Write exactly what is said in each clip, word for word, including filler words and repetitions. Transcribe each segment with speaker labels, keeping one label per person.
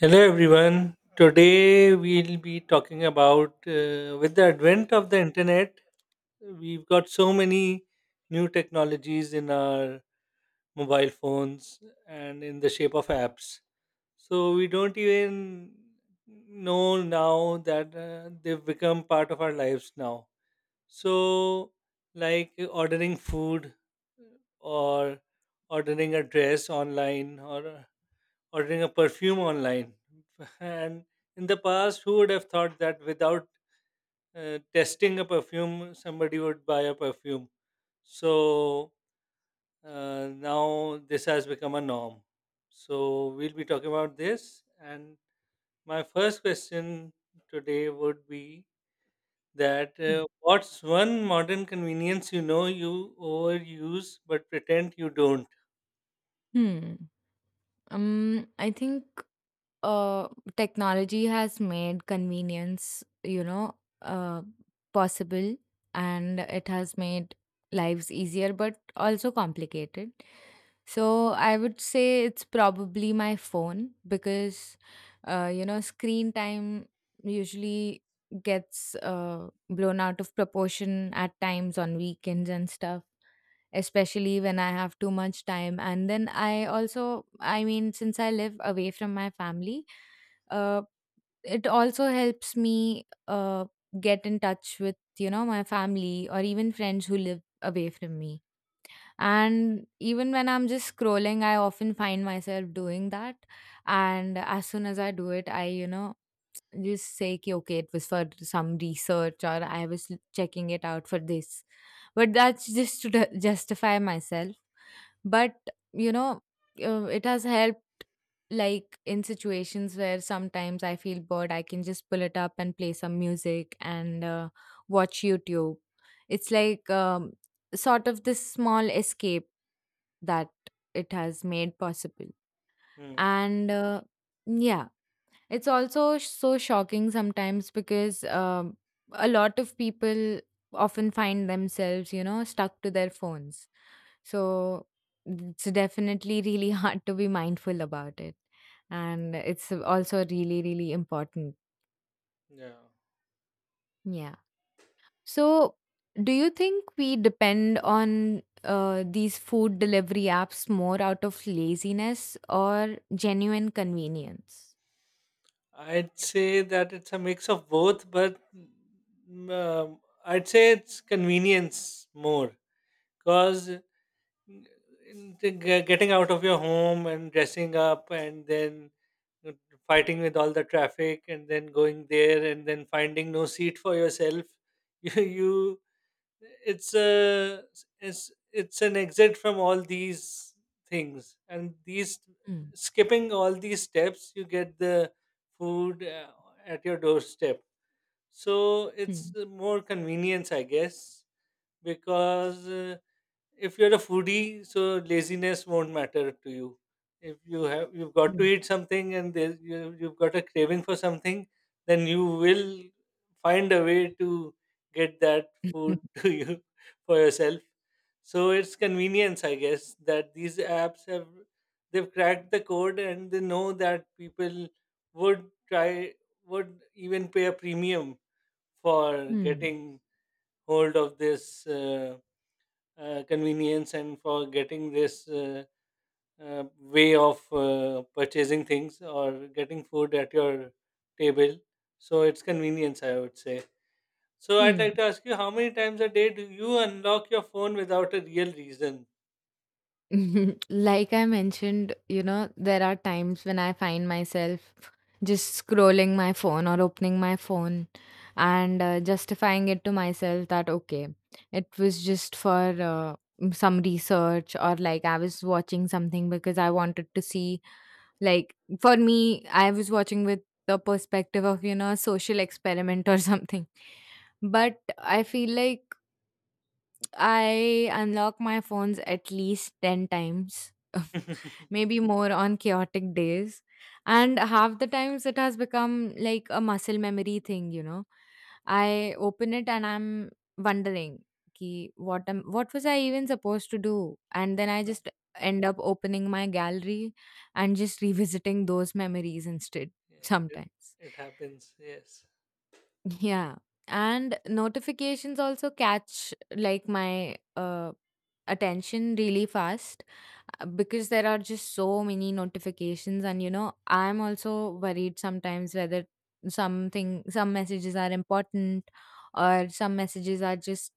Speaker 1: Hello everyone. Today we'll be talking about, uh, with the advent of the internet, we've got so many new technologies in our mobile phones and in the shape of apps. So we don't even know now that uh, they've become part of our lives now. So like ordering food or ordering a dress online or ordering a perfume online. And in the past, who would have thought that without uh, testing a perfume, somebody would buy a perfume? So uh, now this has become a norm. So we'll be talking about this. And my first question today would be that,
Speaker 2: Hmm.
Speaker 1: uh, what's one modern convenience you know you overuse but pretend you don't?
Speaker 2: Hmm. Um, I think uh, technology has made convenience, you know, uh, possible, and it has made lives easier but also complicated. So I would say it's probably my phone because uh, you know, screen time usually gets uh, blown out of proportion at times on weekends and stuff. Especially when I have too much time. And then I also, I mean, since I live away from my family, uh, it also helps me uh, get in touch with, you know, my family or even friends who live away from me. And even when I'm just scrolling, I often find myself doing that. And as soon as I do it, i you know just say, "Ki, okay, it was for some research, or I was checking it out for this." But that's just to ju- justify myself. But you know uh, it has helped, like in situations where sometimes I feel bored, I can just pull it up and play some music and uh, watch YouTube. It's like um, sort of this small escape that it has made possible.
Speaker 1: Hmm.
Speaker 2: And uh, yeah, it's also sh- so shocking sometimes because um, a lot of people often find themselves, you know, stuck to their phones. So it's definitely really hard to be mindful about it. And it's also really, really important.
Speaker 1: Yeah.
Speaker 2: Yeah. So do you think we depend on uh, these food delivery apps more out of laziness or genuine convenience?
Speaker 1: I'd say that it's a mix of both, but mm, um, I'd say it's convenience more, because getting out of your home and dressing up and then uh, fighting with all the traffic and then going there and then finding no seat for yourself. you you it's a it's it's an exit from all these things, and these
Speaker 2: Hmm.
Speaker 1: skipping all these steps you get the food uh, at your doorstep, so it's
Speaker 2: Hmm.
Speaker 1: more convenience, I guess. Because uh, if you're a foodie, so laziness won't matter to you. If you have you've got to eat
Speaker 2: Hmm.
Speaker 1: something, and there, you, you've got a craving for something, then you will find a way to get that food to you, for yourself. So it's convenience, I guess, that these apps have they've cracked the code, and they know that people would try would even pay a premium for
Speaker 2: Hmm.
Speaker 1: getting hold of this. Uh, uh, convenience and for getting this uh, uh, way of uh, purchasing things or getting food at your table. So it's convenience, I would say. So I'd like
Speaker 2: Hmm.
Speaker 1: to ask you, how many times a day do you unlock your phone without a real reason?
Speaker 2: Like I mentioned, you know, there are times when I find myself just scrolling my phone or opening my phone and uh, justifying it to myself that, okay, it was just for uh, mm, some research, or like I was watching something because I wanted to see, like, for me, I was watching with the perspective of, you know, a social experiment or something. But I feel like I unlock my phones at least ten times, maybe more on chaotic days. And half the times it has become like a muscle memory thing, you know. I open it and I'm wondering, ki what am what was I even supposed to do? And then I just end up opening my gallery and just revisiting those memories instead
Speaker 1: Yes, it,
Speaker 2: sometimes.
Speaker 1: it happens. Yes.
Speaker 2: Yeah. And notifications also catch like my uh attention really fast, uh, because there are just so many notifications. And you know, I'm also worried sometimes whether something, some messages are important or some messages are just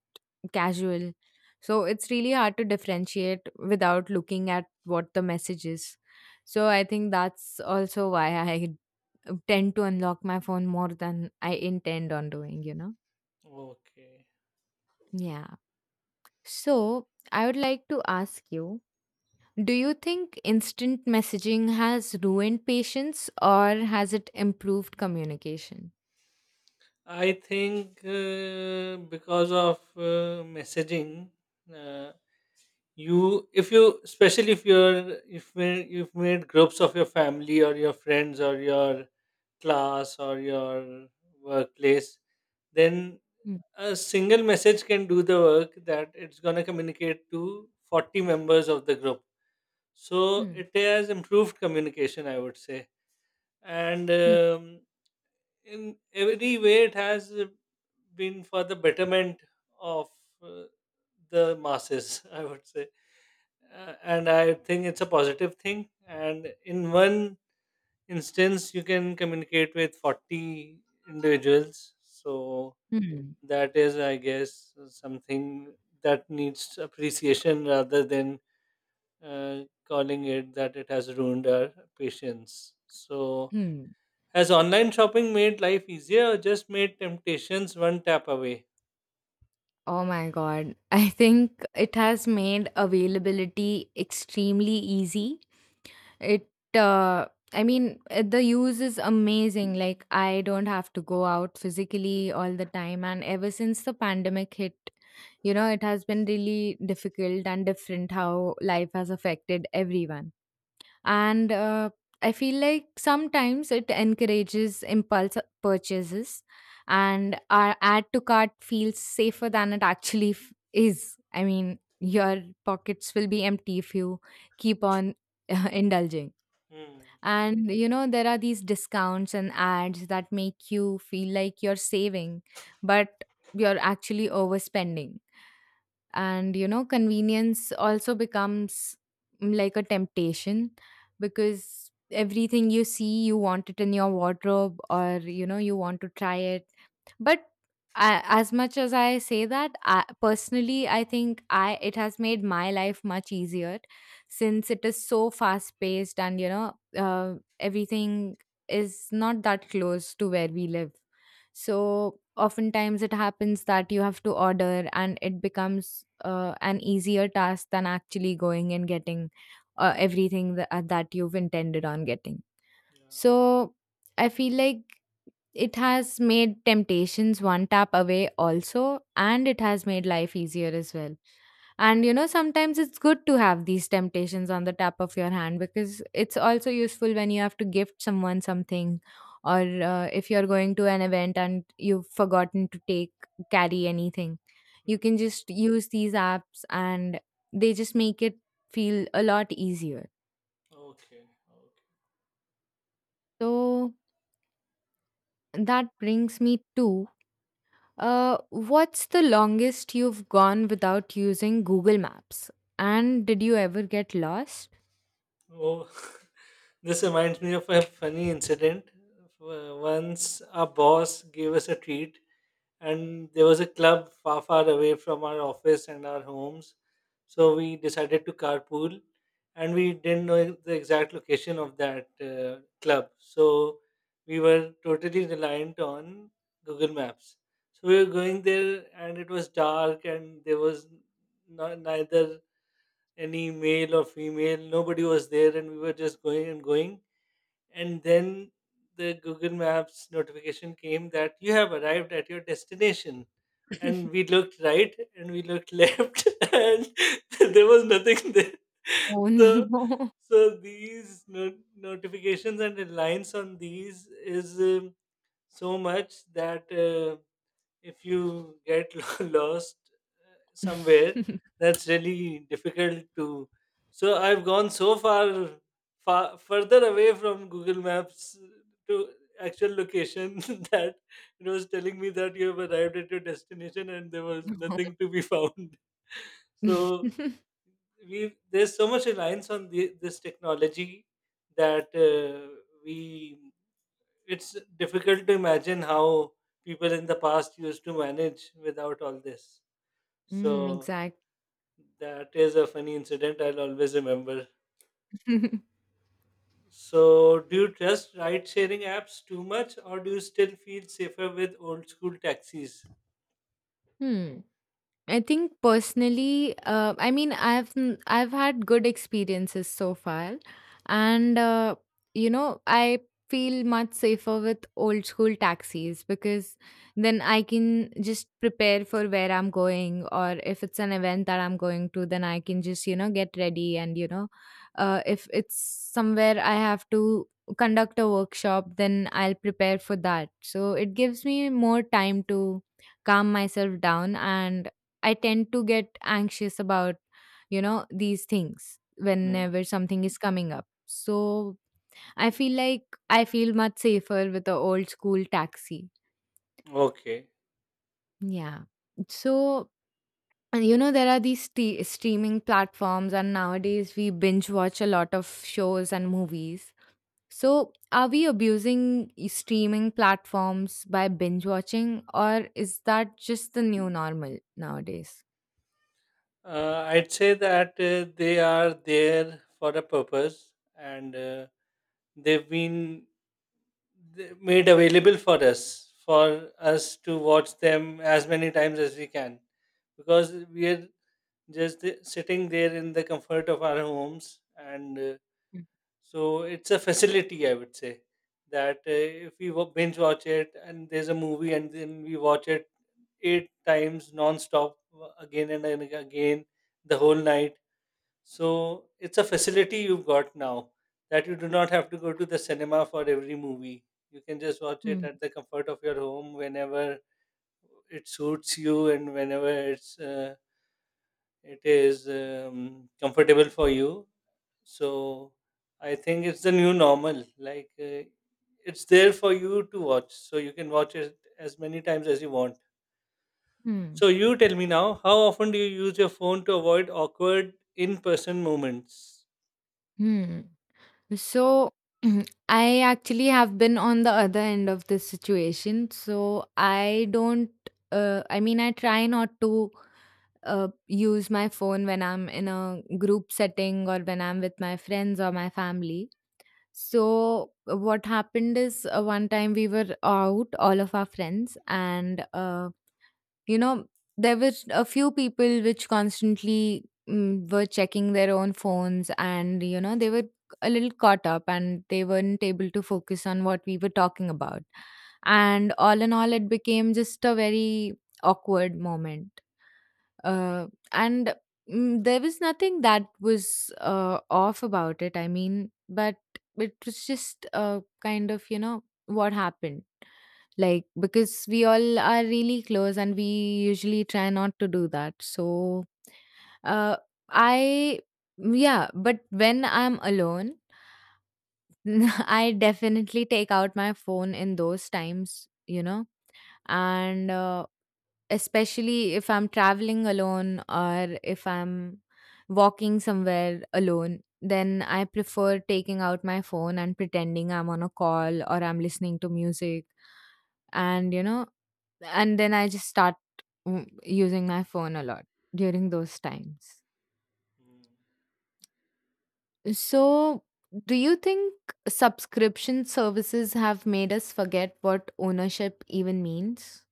Speaker 2: casual. So it's really hard to differentiate without looking at what the message is. So I think that's also why I tend to unlock my phone more than I intend on doing, you know?
Speaker 1: Okay.
Speaker 2: Yeah. So I would like to ask you, do you think instant messaging has ruined patience, or has it improved communication?
Speaker 1: I think uh, because of uh, messaging, uh, you if you especially if you're if we- you've made groups of your family or your friends or your class or your workplace, then
Speaker 2: Hmm.
Speaker 1: a single message can do the work, that it's going to communicate to forty members of the group. So
Speaker 2: Hmm.
Speaker 1: it has improved communication, I would say. And
Speaker 2: Hmm.
Speaker 1: um, in every way it has uh, been for the betterment of uh, the masses, I would say. Uh, and I think it's a positive thing, and in one instance you can communicate with forty individuals, so
Speaker 2: Hmm.
Speaker 1: that is, I guess, something that needs appreciation, rather than uh, calling it that it has ruined our patience. So
Speaker 2: Hmm.
Speaker 1: has online shopping made life easier, or just made temptations one tap away?
Speaker 2: Oh my God. I think it has made availability extremely easy. It uh I mean uh, the use is amazing. Like, I don't have to go out physically all the time. And ever since the pandemic hit, you know, it has been really difficult and different how life has affected everyone. And uh I feel like sometimes it encourages impulse purchases, and our add to cart feels safer than it actually f- is. I mean, your pockets will be empty if you keep on indulging.
Speaker 1: Hmm.
Speaker 2: And you know, there are these discounts and ads that make you feel like you're saving, but you're actually overspending. And you know, convenience also becomes mm, like a temptation because everything you see, you want it in your wardrobe, or you know, you want to try it. But I, as much as I say that, I, personally, I think I it has made my life much easier since it is so fast paced. And you know, uh, everything is not that close to where we live. So oftentimes it happens that you have to order, and it becomes uh, an easier task than actually going and getting uh, everything that, that you've intended on getting. So I feel like it has made temptations one tap away also, and it has made life easier as well. And you know, sometimes it's good to have these temptations on the tap of your hand, because it's also useful when you have to gift someone something, or uh, if you're going to an event and you've forgotten to take, carry anything. You
Speaker 1: Hmm.
Speaker 2: can just use these apps, and they just make it feel a lot easier.
Speaker 1: Okay.
Speaker 2: So that brings me to, Uh, what's the longest you've gone without using Google Maps? And did you ever get lost?
Speaker 1: Oh, this reminds me of a funny incident. Uh, Once our boss gave us a treat, and there was a club far, far away from our office and our homes. So we decided to carpool, and we didn't know the exact location of that uh, club. So we were totally reliant on Google Maps. So we were going there, and it was dark, and there was no, neither any male or female. Nobody was there, and we were just going and going. And then the Google Maps notification came, that you have arrived at your destination. And we looked right and we looked left, and there was nothing there.
Speaker 2: Oh
Speaker 1: So,
Speaker 2: no.
Speaker 1: so these no- notifications and reliance on these is um, so much that, uh, if you get lo- lost somewhere, that's really difficult to. So I've gone so far, far further away from Google Maps to actual location, that it was telling me that you have arrived at your destination, and there was nothing to be found. so we there's so much reliance on the, this technology that uh, we it's difficult to imagine how people in the past used to manage without all this.
Speaker 2: Mm,
Speaker 1: So
Speaker 2: exactly.
Speaker 1: that is a funny incident I'll always remember. So, do you trust ride sharing apps too much, or do you still feel safer with old school taxis?
Speaker 2: Hmm. I think personally, uh, I mean, I've n- I've had good experiences so far. And uh, you know, I feel much safer with old school taxis, because then I can just prepare for where I'm going, or if it's an event that I'm going to, then I can just, you know, get ready. And you know, uh, if it's somewhere I have to conduct a workshop, then I'll prepare for that. So it gives me more time to calm myself down. And I tend to get anxious about, you know, these things
Speaker 1: Hmm.
Speaker 2: whenever something is coming up. So I feel like I feel much safer with the old school taxi.
Speaker 1: Okay.
Speaker 2: Yeah. So, and you know, there are these st- streaming platforms, and nowadays we binge watch a lot of shows and movies. So are we abusing e- streaming platforms by binge watching, or is that just the new normal nowadays?
Speaker 1: Uh, I'd say that uh, they are there for a purpose, and uh, they've been they- made available for us, for us, to watch them as many times as we can. Because we are just th- sitting there in the comfort of our homes. And uh, So it's a facility, I would say, that, uh, if we wa- binge watch it, and there's a movie, and then we watch it eight times non-stop, uh, again and then again, the whole night. So it's a facility you've got now, that you do not have to go to the cinema for every movie. You can just watch it
Speaker 2: Hmm.
Speaker 1: at the comfort of your home whenever it suits you, and whenever it's uh, it is um, comfortable for you. So I think it's the new normal. Like uh, it's there for you to watch, so you can watch it as many times as you want.
Speaker 2: Hmm.
Speaker 1: So you tell me now, how often do you use your phone to avoid awkward in-person moments?
Speaker 2: Hmm. So I actually have been on the other end of this situation. So I don't, uh, I mean, I try not to uh, use my phone when I'm in a group setting or when I'm with my friends or my family. So what happened is, uh, one time we were out, all of our friends, and uh, you know, there were a few people which constantly mm, were checking their own phones. And you know, they were a little caught up, and they weren't able to focus on what we were talking about. And all in all, it became just a very awkward moment. uh, and mm, there was nothing that was uh, off about it, I mean, but it was just uh, kind of, you know, what happened, like, because we all are really close and we usually try not to do that. So, uh, I, yeah. But when I'm alone, I definitely take out my phone in those times, you know. And uh, especially if I'm traveling alone or if I'm walking somewhere alone, then I prefer taking out my phone and pretending I'm on a call or I'm listening to music. And you know, and then I just start mm, using my phone a lot during those times. So do you think subscription services have made us forget what ownership even means?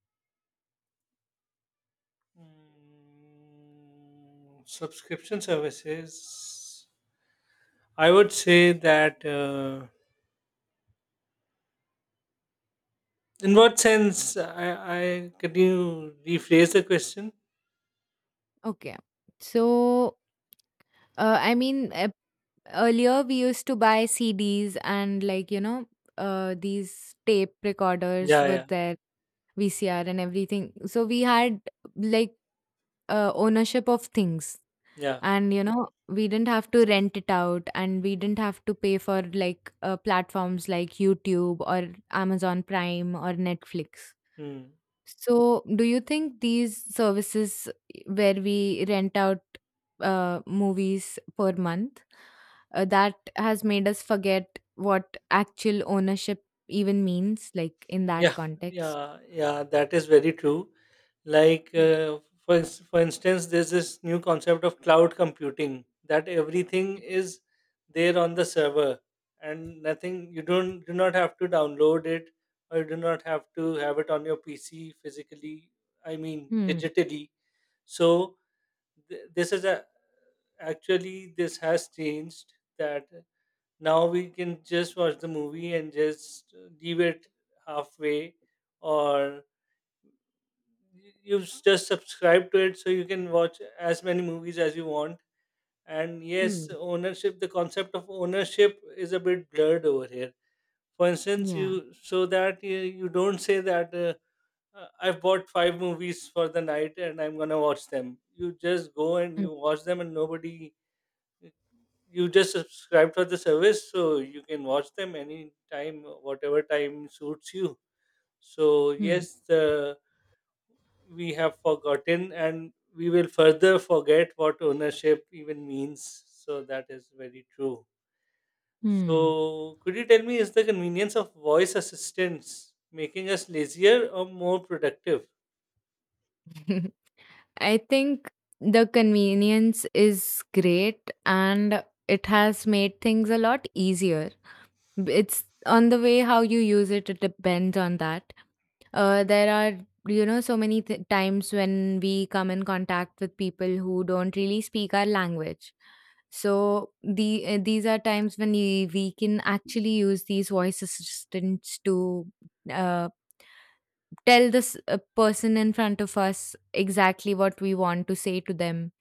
Speaker 1: Mm, subscription services. I would say that. Uh, in what sense? I, I can you rephrase the question?
Speaker 2: Okay. So, uh, I mean, e- earlier we used to buy C Ds and, like, you know, uh, these tape recorders
Speaker 1: Yeah,
Speaker 2: were
Speaker 1: yeah,
Speaker 2: there, V C R and everything. So we had like uh, ownership of things.
Speaker 1: yeah.
Speaker 2: And you know, we didn't have to rent it out, and we didn't have to pay for like uh, platforms like YouTube or Amazon Prime or Netflix.
Speaker 1: Hmm.
Speaker 2: So do you think these services where we rent out uh, movies per month, uh, that has made us forget what actual ownership even means, like in that
Speaker 1: Yeah,
Speaker 2: context?
Speaker 1: yeah, yeah, that is very true. Like,
Speaker 2: Hmm.
Speaker 1: uh, for, ins- for instance, there's this new concept of cloud computing, that everything is there on the server, and nothing, you don't do not have to download it, or you do not have to have it on your P C physically, I mean,
Speaker 2: Hmm.
Speaker 1: digitally. So, th- this is a actually, this has changed that now we can just watch the movie and just leave it halfway, or y- you just subscribe to it, so you can watch as many movies as you want. And yes,
Speaker 2: Hmm.
Speaker 1: ownership, the concept of ownership is a bit blurred over here. For instance, you
Speaker 2: Yeah.
Speaker 1: so that you, you don't say that, uh, uh, I've bought five movies for the night and I'm gonna watch them. You just go and
Speaker 2: Hmm.
Speaker 1: you watch them, and nobody you just subscribe for the service, so you can watch them anytime, whatever time suits you. So
Speaker 2: Hmm.
Speaker 1: yes, the we have forgotten, and we will further forget what ownership even means so that is very true so could you tell me is the convenience of voice assistants making us lazier or more productive
Speaker 2: Hmm. I think the convenience is great, and it has made things a lot easier. It's on the way how you use it, it depends on that. Uh, there are, you know, so many th- times when we come in contact with people who don't really speak our language. So the uh, these are times when we, we can actually use these voice assistants to uh, tell this uh, person in front of us exactly what we want to say to them.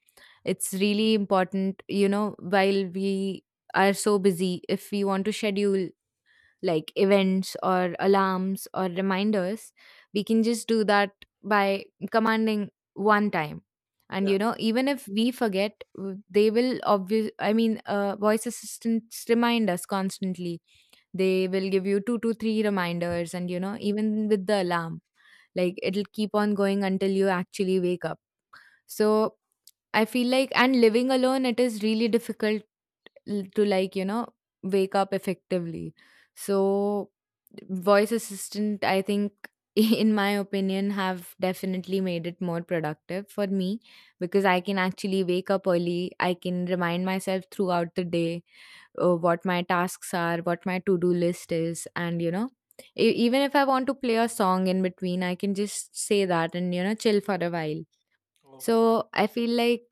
Speaker 2: It's really important, you know, while we are so busy, if we want to schedule like events or alarms or reminders, we can just do that by commanding one time. And
Speaker 1: yeah
Speaker 2: you know, even if we forget, w- they will obvious. I mean, uh, voice assistants remind us constantly. They will give you two to three reminders. And you know, even with the alarm, like, it'll keep on going until you actually wake up. So I feel like, and living alone, it is really difficult l- to like you know wake up effectively, so voice assistant I think in my opinion have definitely made it more productive for me because I can actually wake up early, I can remind myself throughout the day, uh, what my tasks are, what my to do list is, and you know, e- even if I want to play a song in between I can just say that and you know chill for a while.
Speaker 1: okay
Speaker 2: So I feel like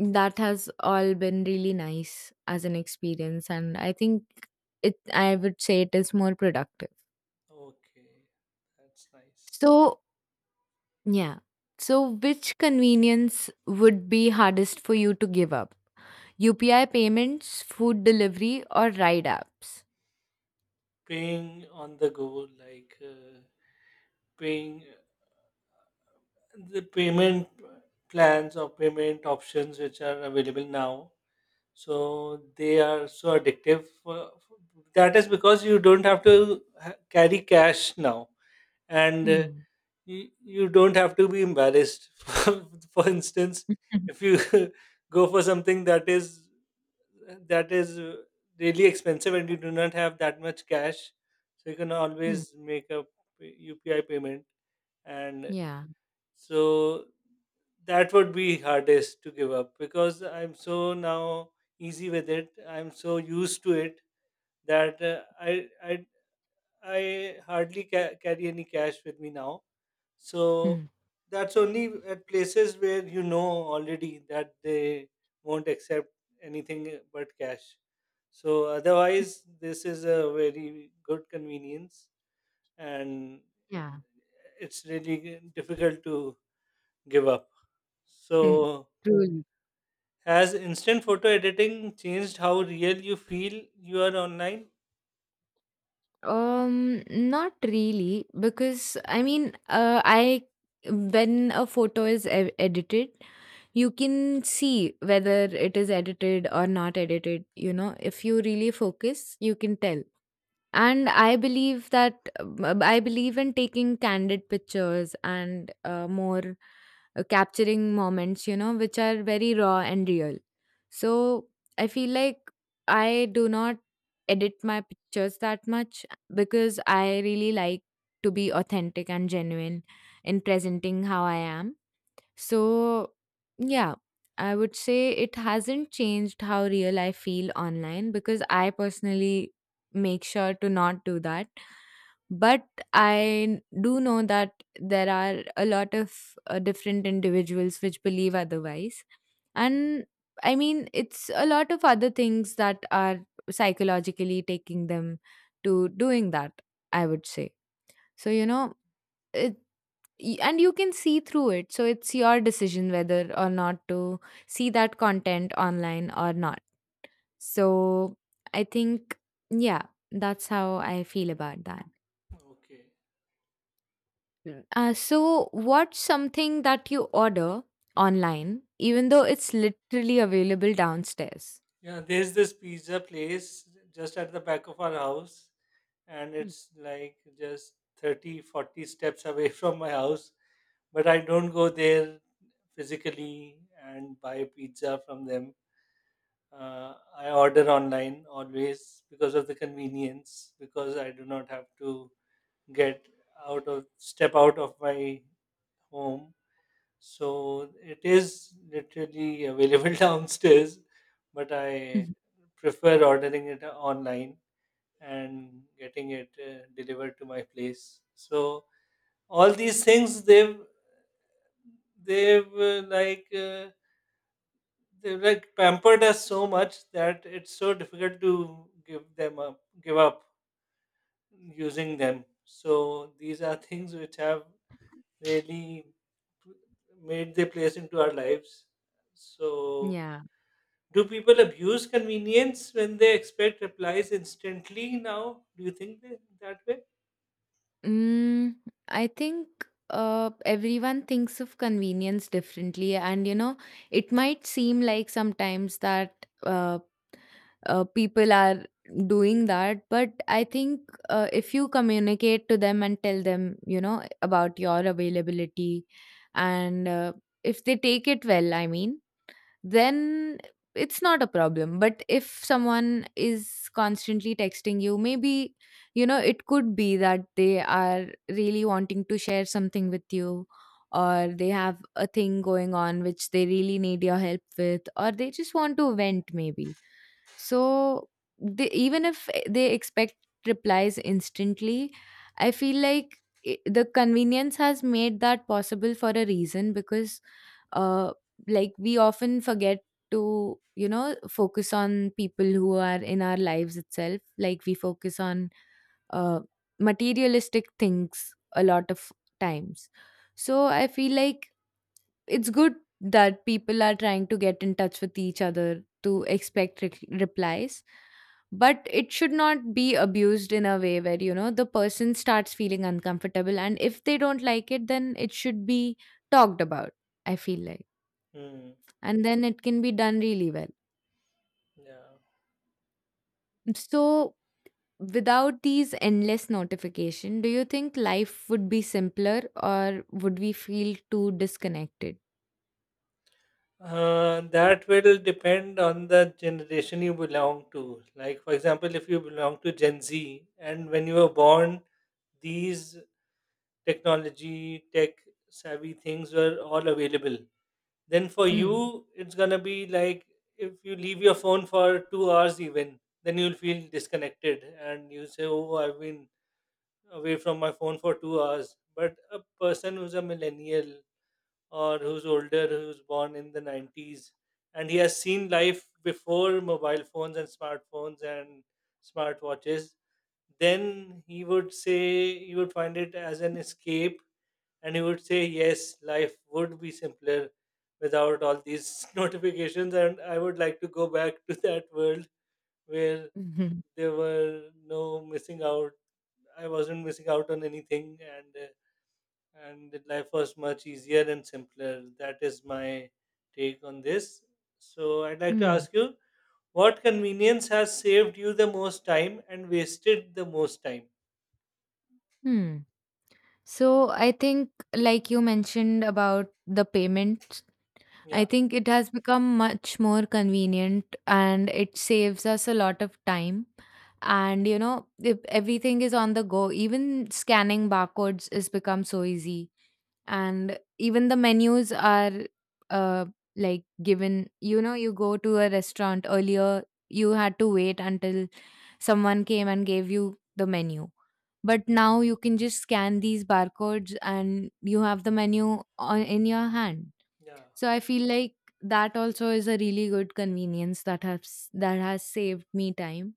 Speaker 2: that has all been really nice as an experience, and I think it. I would say it is more productive.
Speaker 1: okay that's nice
Speaker 2: So yeah. So which convenience would be hardest for you to give up? U P I payments, food delivery, or ride apps?
Speaker 1: paying on the go like uh, paying the payment plans or payment options which are available now so they are so addictive for, that is because you don't have to ha- carry cash now and uh,
Speaker 2: Hmm.
Speaker 1: you, you don't have to be embarrassed for, for instance if you go for something that is that is uh, really expensive and you do not have that much cash so you can
Speaker 2: Hmm.
Speaker 1: always make a U P I payment and
Speaker 2: Yeah.
Speaker 1: so that would be hardest to give up because I'm so now easy with it I'm so used to it that uh, I I I hardly ca- carry any cash with me now so
Speaker 2: Hmm.
Speaker 1: that's only at places where you know already that they won't accept anything but cash so otherwise this is a very good convenience and
Speaker 2: Yeah.
Speaker 1: it's really difficult to give up
Speaker 2: Hmm.
Speaker 1: so
Speaker 2: Truly.
Speaker 1: Has instant photo editing changed how real you feel you are online?
Speaker 2: Um, not really, because I mean, uh, I when a photo is e- edited, you can see whether it is edited or not edited. You know, if you really focus, you can tell. And I believe that uh, I believe in taking candid pictures and uh, more uh, capturing moments, you know, which are very raw and real. So I feel like I do not edit my pictures that much because I really like to be authentic and genuine in presenting how I am. So, yeah, I would say it hasn't changed how real I feel online because I personally make sure to not do that. But I do know that there are a lot of uh, different individuals which believe otherwise. And I mean, it's a lot of other things that are psychologically taking them to doing that, I would say. So, you know, it Y- and you can see through it, so it's your decision whether or not to see that content online or not. So I think, yeah, that's how I feel about that.
Speaker 1: Okay.
Speaker 2: Mm. Uh, so what's something that you order online even though it's literally available downstairs?
Speaker 1: Yeah, there's this pizza place just at the back of our house, and it's like just thirty, forty steps away from my house. But I don't go there physically and buy pizza from them. Uh, I order online always because of the convenience, because I do not have to get out of step out of my home So it is literally available downstairs, but I
Speaker 2: Mhm.
Speaker 1: prefer ordering it online and getting it uh, delivered to my place. So all these things they've they've uh, like uh, they've like pampered us so much that it's so difficult to give them up, give up using them. So these are things which have really made their place into our lives. So
Speaker 2: Yeah.
Speaker 1: Do people abuse convenience when they expect replies instantly now? Do you think they, that way?
Speaker 2: Mm, I think uh, everyone thinks of convenience differently, and you know, it might seem like sometimes that uh, uh, people are doing that, but I think uh, if you communicate to them and tell them, you know, about your availability, and uh, if they take it well, I mean then it's not a problem. But if someone is constantly texting you, maybe, you know, it could be that they are really wanting to share something with you, or they have a thing going on which they really need your help with, or they just want to vent, maybe. So they, even if they expect replies instantly, I feel like I the convenience has made that possible for a reason because uh like we often forget to, you know, focus on people who are in our lives itself, like we focus on uh, materialistic things a lot of times. So I feel like it's good that people are trying to get in touch with each other to expect re- replies, but it should not be abused in a way where, you know, the person starts feeling uncomfortable, and if they don't like it then it should be talked about, I feel like,
Speaker 1: Hmm.
Speaker 2: and then it can be done really well.
Speaker 1: Yeah.
Speaker 2: So, without these endless notification, do you think life would be simpler or would we feel too disconnected?
Speaker 1: Uh, that will depend on the generation you belong to. Like, for example, if you belong to Gen Z and when you were born, these technology, tech savvy things were all available. Then for
Speaker 2: Hmm.
Speaker 1: you, it's gonna be like if you leave your phone for two hours, even then you'll feel disconnected and you say, Oh, I've been away from my phone for two hours. But a person who's a millennial or who's older, who's born in the nineties, and he has seen life before mobile phones and smartphones and smartwatches, then he would say, he would find it as an escape. And he would say, yes, life would be simpler without all these notifications. And I would like to go back to that world where
Speaker 2: Mhm.
Speaker 1: there were no missing out I wasn't missing out on anything, and uh, and the life was much easier and simpler. That is my take on this. So I'd like to
Speaker 2: Hmm.
Speaker 1: ask you, what convenience has saved you the most time and wasted the most time?
Speaker 2: Hmm. So I think, like you mentioned about the payments, I
Speaker 1: Yeah.
Speaker 2: think it has become much more convenient and it saves us a lot of time. And you know, if everything is on the go, even scanning barcodes has become so easy. And even the menus are uh like given, you know, you go to a restaurant earlier you had to wait until someone came and gave you the menu, but
Speaker 1: Mm.
Speaker 2: now you can just scan these barcodes and you have the menu on, in your hand.
Speaker 1: Yeah.
Speaker 2: So I feel like that also is a really good convenience that has that has saved me time.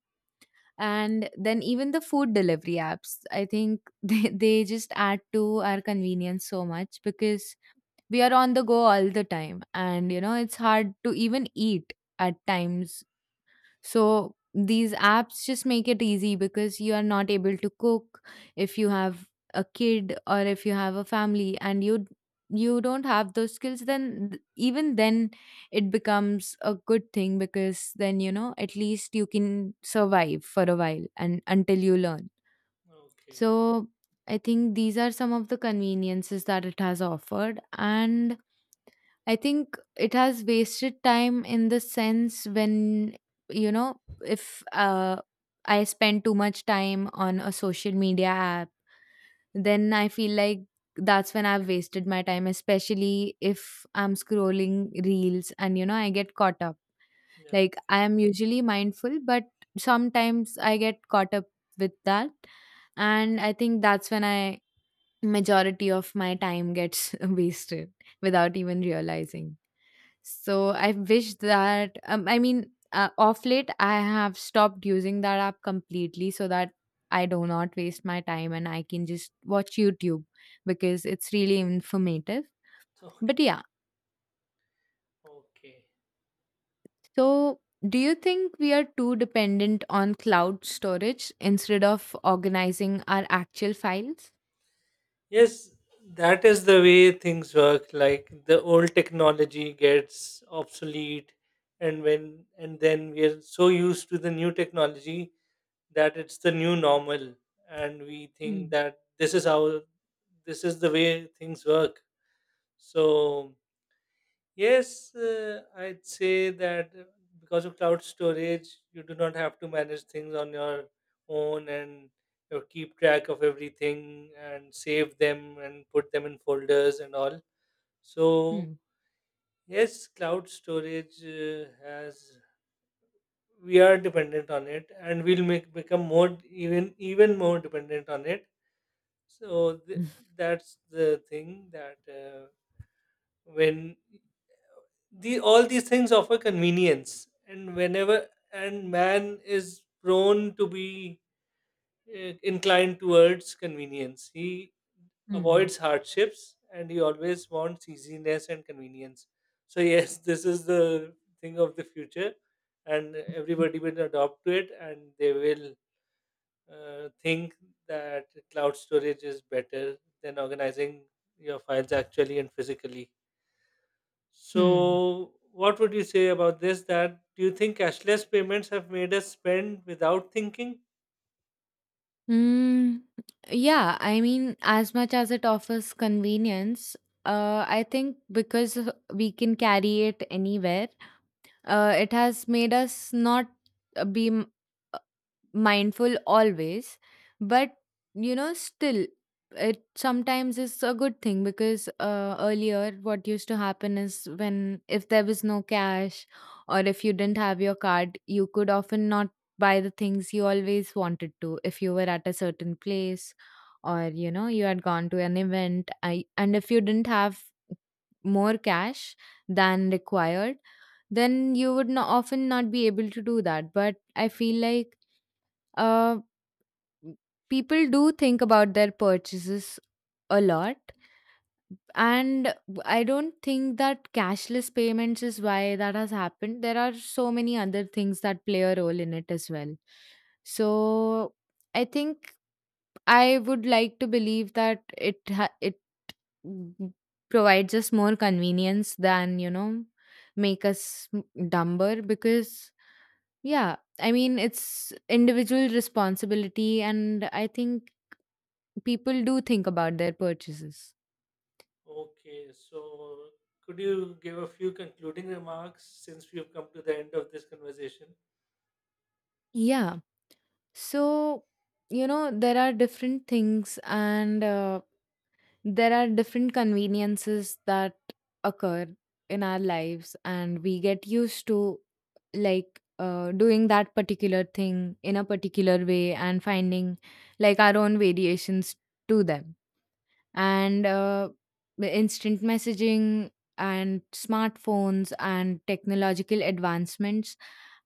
Speaker 2: And then even the food delivery apps, I think, they, they just add to our convenience so much because we are on the go all the time and you know it's hard to even eat at times. So these apps just make it easy because you are not able to cook if you have a kid or if you have a family and you you don't have those skills, then th- even then it becomes a good thing because then you know at least you can survive for a while and until you learn.
Speaker 1: Okay.
Speaker 2: So I think these are some of the conveniences that it has offered. And I think it has wasted time in the sense when, you know, if uh, I spend too much time on a social media app, then I feel like that's when I've wasted my time, especially if I'm scrolling reels and, you know, I get caught up,
Speaker 1: Yeah.
Speaker 2: like I am usually mindful, but sometimes I get caught up with that. And I think that's when I majority of my time gets wasted without even realizing. So I wish that um, I mean uh, off late I have stopped using that app completely so that I do not waste my time and I can just watch YouTube because it's really informative. But
Speaker 1: Okay.
Speaker 2: yeah,
Speaker 1: Okay.
Speaker 2: so, do you think we are too dependent on cloud storage instead of organizing our actual files?
Speaker 1: Yes, that is the way things work. Like the old technology gets obsolete, and when and then we are so used to the new technology that it's the new normal and we think
Speaker 2: Mm,
Speaker 1: that this is how this is the way things work so yes uh, I'd say that uh, because of cloud storage you do not have to manage things on your own and you know, keep track of everything and save them and put them in folders and all so
Speaker 2: mm,
Speaker 1: yes cloud storage uh, has we are dependent on it and we'll make become more even even more dependent on it. So th- that's the thing, that uh, when the all these things offer convenience, and whenever and man is prone to be uh, inclined towards convenience, he
Speaker 2: mm,
Speaker 1: avoids hardships, and he always wants easiness and convenience. So yes, this is the thing of the future, and everybody will adopt to it, and they will uh, think that cloud storage is better than organizing your files actually and physically.
Speaker 2: Hmm.
Speaker 1: So, what would you say about this? That do you think cashless payments have made us spend without thinking?
Speaker 2: Hmm. Yeah, I mean, as much as it offers convenience, uh, I think because of- we can carry it anywhere, uh, it has made us not uh, be mindful always, but you know still it sometimes is a good thing because uh, earlier what used to happen is when if there was no cash or if you didn't have your card you could often not buy the things you always wanted to, if you were at a certain place or you know you had gone to an event I, and if you didn't have more cash than required, then you would not often not be able to do that. But I feel like uh, m- people do think about their purchases a lot, and I don't think that cashless payments is why that has happened. There are so many other things that play a role in it as well. So I think I would like to believe that it ha- it mm, provides us more convenience than, you know, make us m- dumber. Because yeah, I mean it's individual responsibility and I think people do think about their purchases.
Speaker 1: Okay, so could you give a few concluding remarks, since we've come to the end of this conversation?
Speaker 2: Yeah. So, you know, there are different things and uh, there are different conveniences that occur in our lives, and we get used to like uh, doing that particular thing in a particular way and finding like our own variations to them. And uh, the instant messaging and smartphones and technological advancements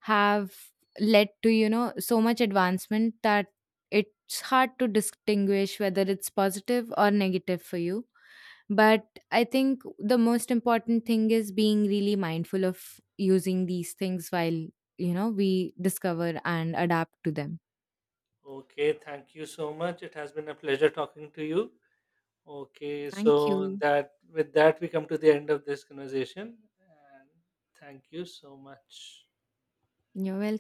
Speaker 2: have led to, you know, so much advancement that it's hard to distinguish whether it's positive or negative for you. But I think the most important thing is being really mindful of using these things while, you know, we discover and adapt to them.
Speaker 1: Okay, thank you so much. It has been a pleasure talking to you. Okay,
Speaker 2: Thank
Speaker 1: so
Speaker 2: you.
Speaker 1: that with that we come to the end of this conversation, and thank you so much.
Speaker 2: You're welcome.